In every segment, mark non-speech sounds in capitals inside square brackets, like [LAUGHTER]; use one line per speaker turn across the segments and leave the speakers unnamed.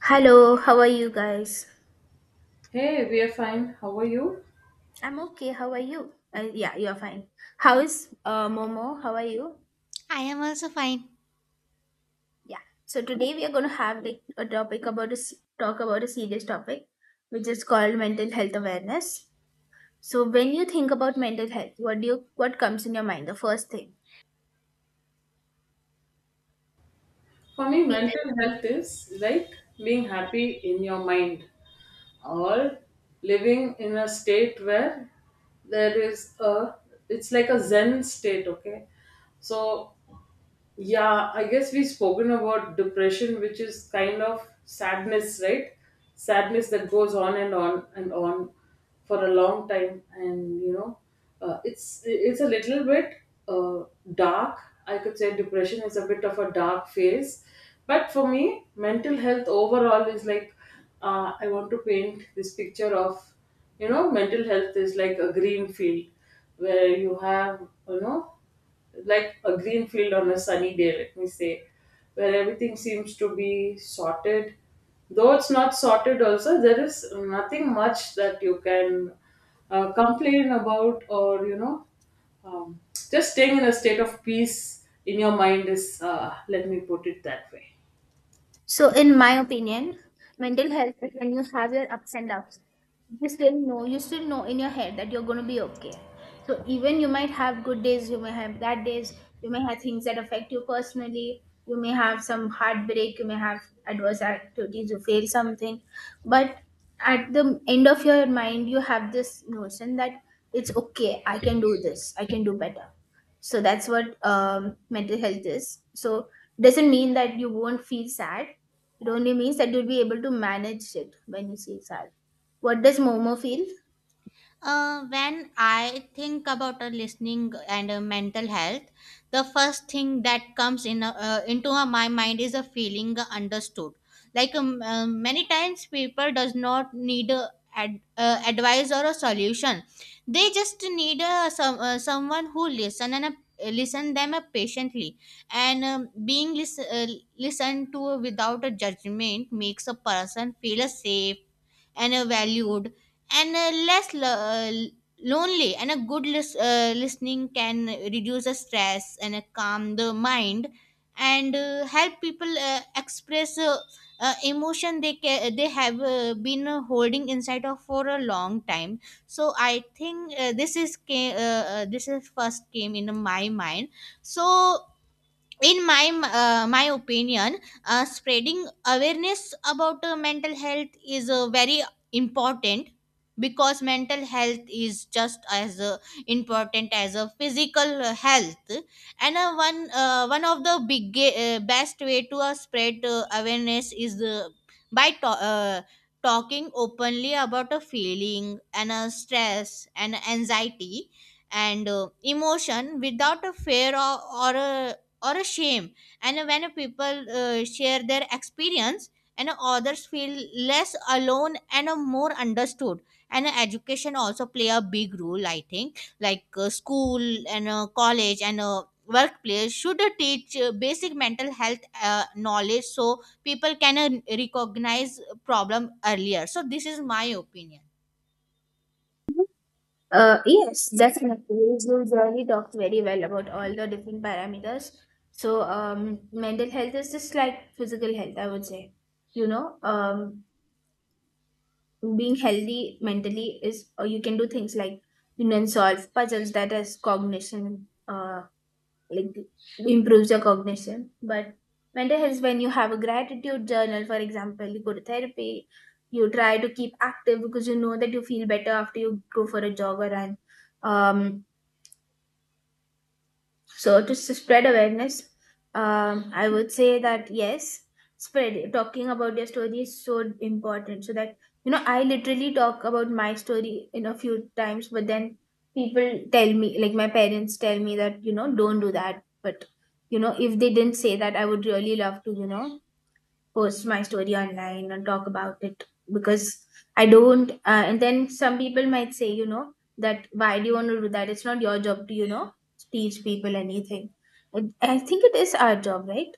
Hello, how are you guys?
Hey, we are fine. How are you?
I'm okay. How are you? Yeah, you're fine. How is Momo? How are you?
I am also fine.
Yeah. So today we are going to have like a topic about a s talk about a serious topic, which is called mental health awareness. So when you think about mental health, what comes in your mind? The first thing.
For me, mental health is like being happy in your mind or living in a state where there is a, it's like a Zen state, okay? So Yeah, I guess we've spoken about depression, which is kind of sadness, right? Sadness that goes on and on and on for a long time, and it's a little bit uh, dark. I could say depression is a bit of a dark phase, but for me, mental health overall is like I want to paint this picture of mental health is like a green field where you have you know like a green field on a sunny day, let me say, where everything seems to be sorted. Though it's not sorted, also, there is nothing much that you can complain about, or um, just staying in a state of peace in your mind is, let me put it that way.
So, in my opinion, mental health is when you have your ups and downs. You still know in your head that you're going to be okay. So, even you might have good days, you may have bad days, you may have things that affect you personally, you may have some heartbreak, you may have adverse activities, you fail something. But at the end of your mind, you have this notion that it's okay, I can do this, I can do better. So that's what mental health is. So doesn't mean that you won't feel sad, it only means that you'll be able to manage it when you feel sad. What does Momo feel?
When I think about listening and mental health, the first thing that comes in into my mind is a feeling understood. Like many times, people does not need advice or a solution. They just need some someone who listen and listen them patiently. And being listened to without a judgment makes a person feel safe and valued and lonely, and a good listening can reduce the stress and calm the mind and help people express emotion they they have been holding inside of for a long time. So I think this is first came in my mind. So in my my opinion, spreading awareness about mental health is very important, because mental health is just as important as a physical health. And one of the big best way to spread awareness is by to- uh, talking openly about a feeling and a stress and anxiety and emotion without a fear or a or a shame. And when people share their experience, and others feel less alone and more understood. And education also play a big role, I think, like school and college and workplace should teach basic mental health knowledge so people can recognize problem earlier. So this is my opinion.
Yes, definitely you really talked very well about all the different parameters. So mental health is just like physical health, I would say. You know, being healthy mentally is, or you can do things like you can solve puzzles, that is cognition, like improves your cognition. But mental health is when you have a gratitude journal, for example, you go to therapy, you try to keep active because you know that you feel better after you go for a jog or run. um so to spread awareness, I would say that yes, spread talking about your story is so important. So that, you know, I literally talk about my story in a few times, but then people tell me, like my parents tell me that, you know, don't do that. But you know, if they didn't say that, I would really love to, you know, post my story online and talk about it because I don't. And then some people might say, you know, that why do you want to do that? It's not your job to, you know, teach people anything. I think it is our job, right?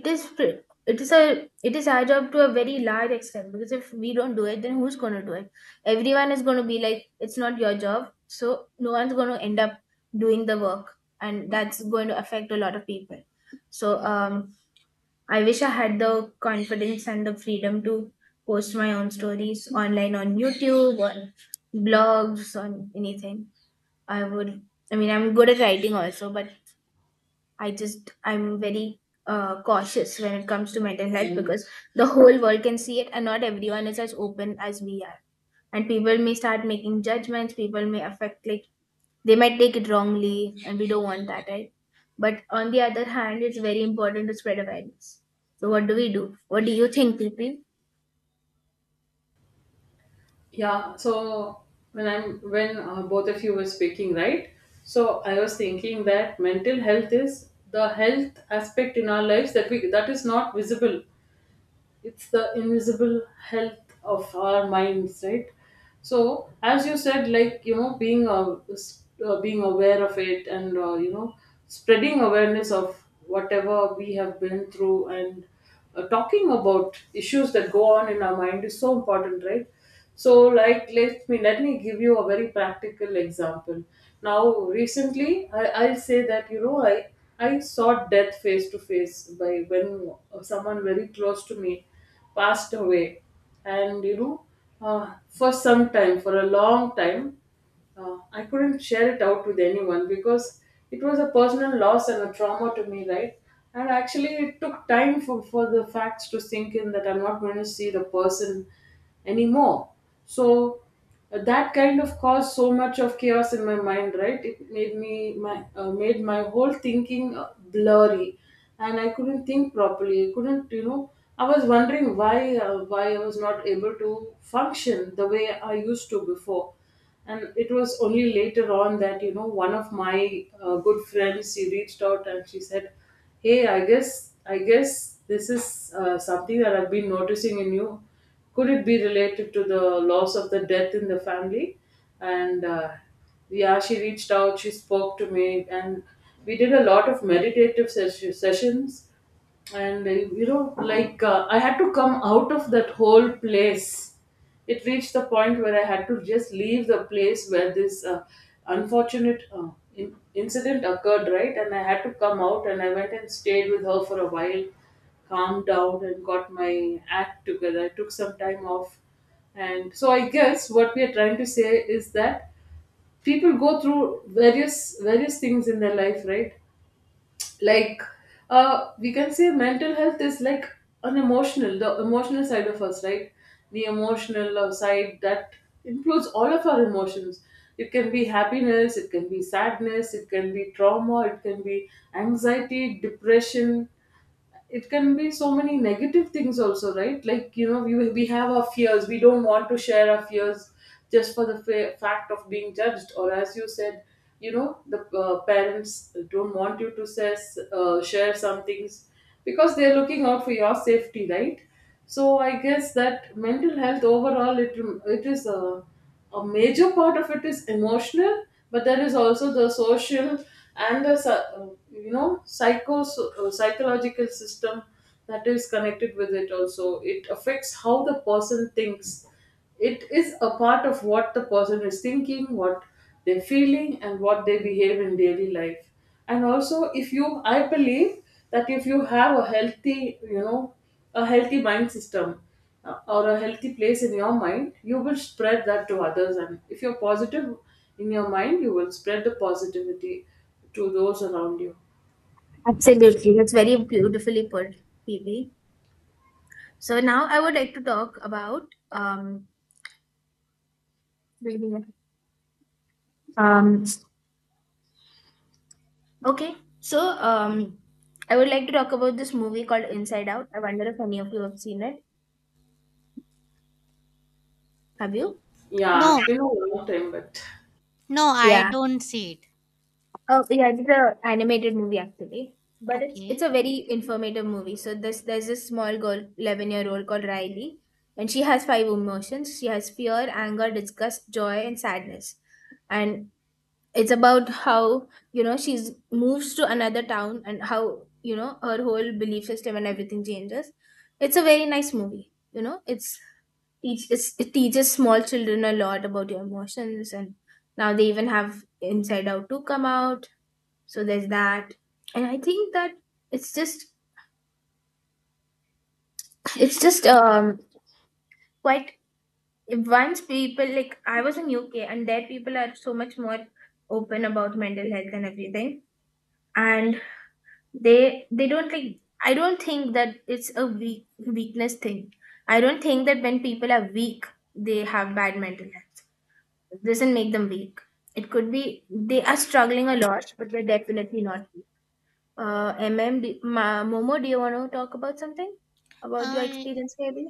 It is. It is a. It is our job to a very large extent because if we don't do it, then who's going to do it? Everyone is going to be like, it's not your job, so no one's going to end up doing the work, and that's going to affect a lot of people. So I wish I had the confidence and the freedom to post my own stories online on YouTube, on blogs, on anything. I would, I mean, I'm good at writing also, but I just, I'm very cautious when it comes to mental health because the whole world can see it and not everyone is as open as we are. And people may start making judgments, people may affect, like they might take it wrongly and we don't want that, right? But on the other hand, it's very important to spread awareness. So what do we do? What do you think, PP?
Yeah, so when both of you were speaking, right? So I was thinking that mental health is the health aspect in our lives that is not visible, it's the invisible health of our minds, right? So as you said, like being being aware of it, and spreading awareness of whatever we have been through, and talking about issues that go on in our mind is so important, right? So like let me give you a very practical example. Now recently, I'll say that I saw death face to face by when someone very close to me passed away, and for some time, for a long time, I couldn't share it out with anyone because it was a personal loss and a trauma to me, right? And actually, it took time for the facts to sink in that I'm not going to see the person anymore. So that kind of caused so much of chaos in my mind, right? It made my whole thinking blurry, and I couldn't think properly, I couldn't I was wondering why I was not able to function the way I used to before. And it was only later on that one of my good friends, she reached out and she said, hey, I guess this is something that I've been noticing in you. Could it be related to the loss of the death in the family? And yeah, she reached out, she spoke to me, and we did a lot of meditative sessions. And I had to come out of that whole place. It reached the point where I had to just leave the place where this unfortunate incident occurred, right? And I had to come out, and I went and stayed with her for a while, calmed down and got my act together. I took some time off. And so I guess what we are trying to say is that people go through various things in their life, right? Like we can say mental health is like an emotional the emotional side of us, right? The emotional side that includes all of our emotions. It can be happiness, it can be sadness, it can be trauma, it can be anxiety, depression. It can be so many negative things also, right? Like you know, we have our fears, we don't want to share our fears just for the fact of being judged, or as you said, the parents don't want you to share some things because they're looking out for your safety, right? So I guess that mental health overall, it is a major part of it is emotional, but there is also the social and the psychological system that is connected with it. Also, it affects how the person thinks. It is a part of what the person is thinking, what they're feeling, and what they behave in daily life. And also, if you, I believe that if you have a healthy, a healthy mind system, or a healthy place in your mind, you will spread that to others. And if you're positive in your mind, you will spread the positivity to those around you.
Absolutely, that's very beautifully put, PP. So now I would like to talk about um okay, so um I would like to talk about this movie called Inside Out. I wonder if any of you have seen it. Have you?
Yeah, it's
No,
been a long time, but
no, I
Yeah.
don't see it.
Oh yeah, it's an animated movie actually, but it's a
Okay.
very informative movie. So this there's this small girl, 11 year old called Riley, and she has five emotions. She has fear, anger, disgust, joy, and sadness. And it's about how, you know, she's moves to another town and how, you know, her whole belief system and everything changes. It's a very nice movie. You know, it teaches small children a lot about your emotions, and now they even have Inside Out to come out, so there's that. And I think that it's just [LAUGHS] it's just quite, once people, like I was in UK and there people are so much more open about mental health and everything. And they don't, like I don't think that it's a weakness thing. I don't think that when people are weak they have bad mental health. It doesn't make them weak. It could be they are struggling a lot, but they are definitely not. Momo, do you want to talk about something? About your
uh,
experience, maybe?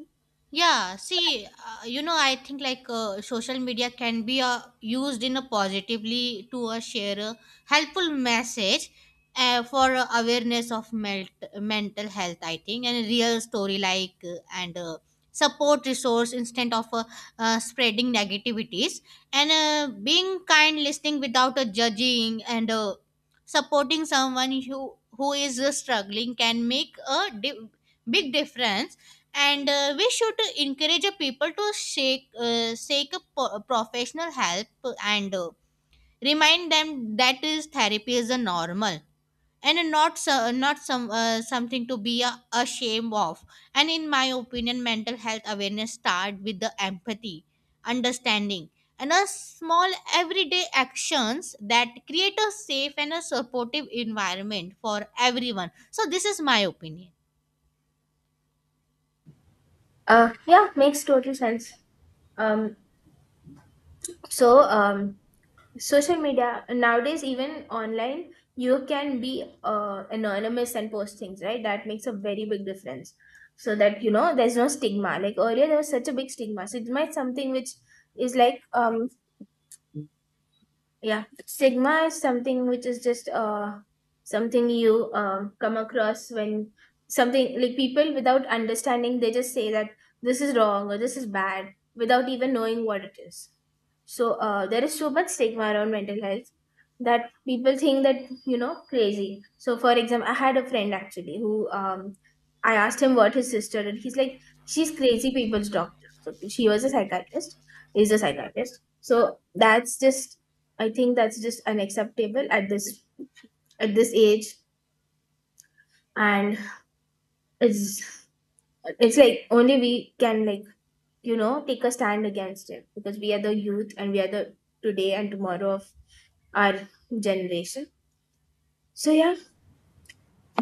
Yeah, see, I think like social media can be used in a positively to share a helpful message for awareness of mental health, I think, and real story like and support resource instead of spreading negativities and being kind, listening without judging and supporting someone who is struggling can make a big difference. And we should encourage people to seek professional help. And remind them that is therapy is a normal and not some something to be ashamed of. And in my opinion, mental health awareness start with the empathy, understanding, and a small everyday actions that create a safe and a supportive environment for everyone. So this is my opinion.
Yeah, makes total sense. Um, so, um, social media nowadays, even online, you can be anonymous and post things, right? That makes a very big difference. So that, you know, there's no stigma. Like earlier, there was such a big stigma. So it might something which is like yeah, stigma is something which is just something you come across when something, like people without understanding they just say that this is wrong or this is bad without even knowing what it is. So there is so much stigma around mental health that people think that, you know, crazy. So for example, I had a friend actually who I asked him what his sister, and he's like she's crazy people's doctor. So she was a psychiatrist, is a psychiatrist. So that's just, I think that's just unacceptable at this, at this age. And it's it's like only we can, like, you know, take a stand against it because we are the youth and we are the today and tomorrow of our generation. So yeah,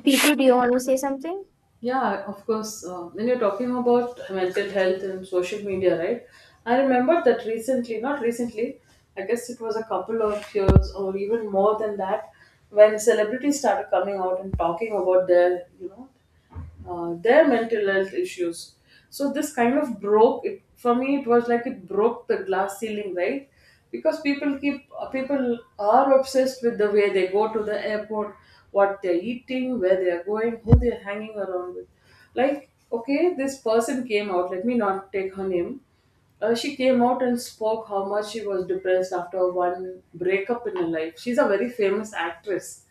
people, do you want to say something?
Yeah, of course. When you're talking about mental health and social media, right? I remember that recently, not recently, I guess it was a couple of years or even more than that, when celebrities started coming out and talking about their, their mental health issues. So this kind of broke it for me. It was like it broke the glass ceiling, right? Because people are obsessed with the way they go to the airport, what they're eating, where they're going, who they're hanging around with. Like, okay, this person came out. Let me not take her name. She came out and spoke how much she was depressed after one breakup in her life. She's a very famous actress,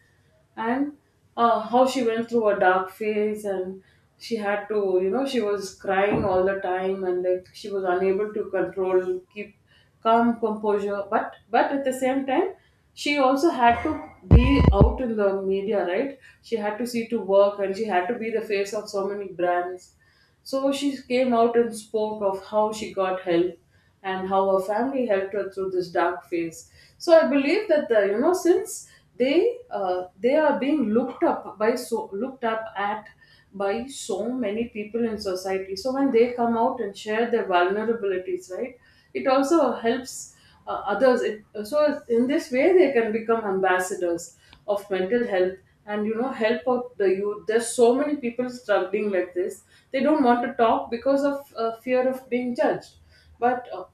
and how she went through a dark phase, and she had to, she was crying all the time, and like she was unable to control, keep calm composure. But at the same time, she also had to be out in the media, right? She had to see to work, and she had to be the face of so many brands. So she came out and spoke of how she got help and how her family helped her through this dark phase. So I believe that you know, since they are being looked up by, looked up at by so many people in society. So when they come out and share their vulnerabilities, right, it also helps others. So in this way, they can become ambassadors of mental health, and help out the youth. There's so many people struggling like this, they don't want to talk because of fear of being judged. But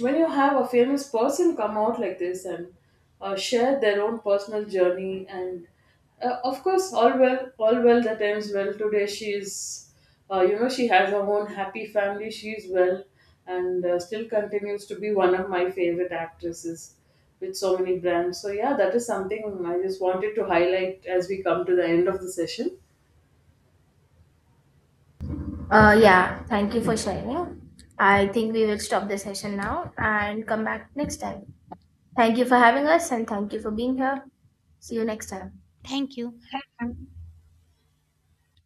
When you have a famous person come out like this and share their own personal journey, and of course, all well that ends well, today she is she has her own happy family. She's well and still continues to be one of my favorite actresses with so many brands. So, yeah, that is something I just wanted to highlight as we come to the end of the session.
Yeah. Thank you for sharing. I think we will stop the session now and come back next time. Thank you for having us and thank you for being here. See you next time.
Thank you.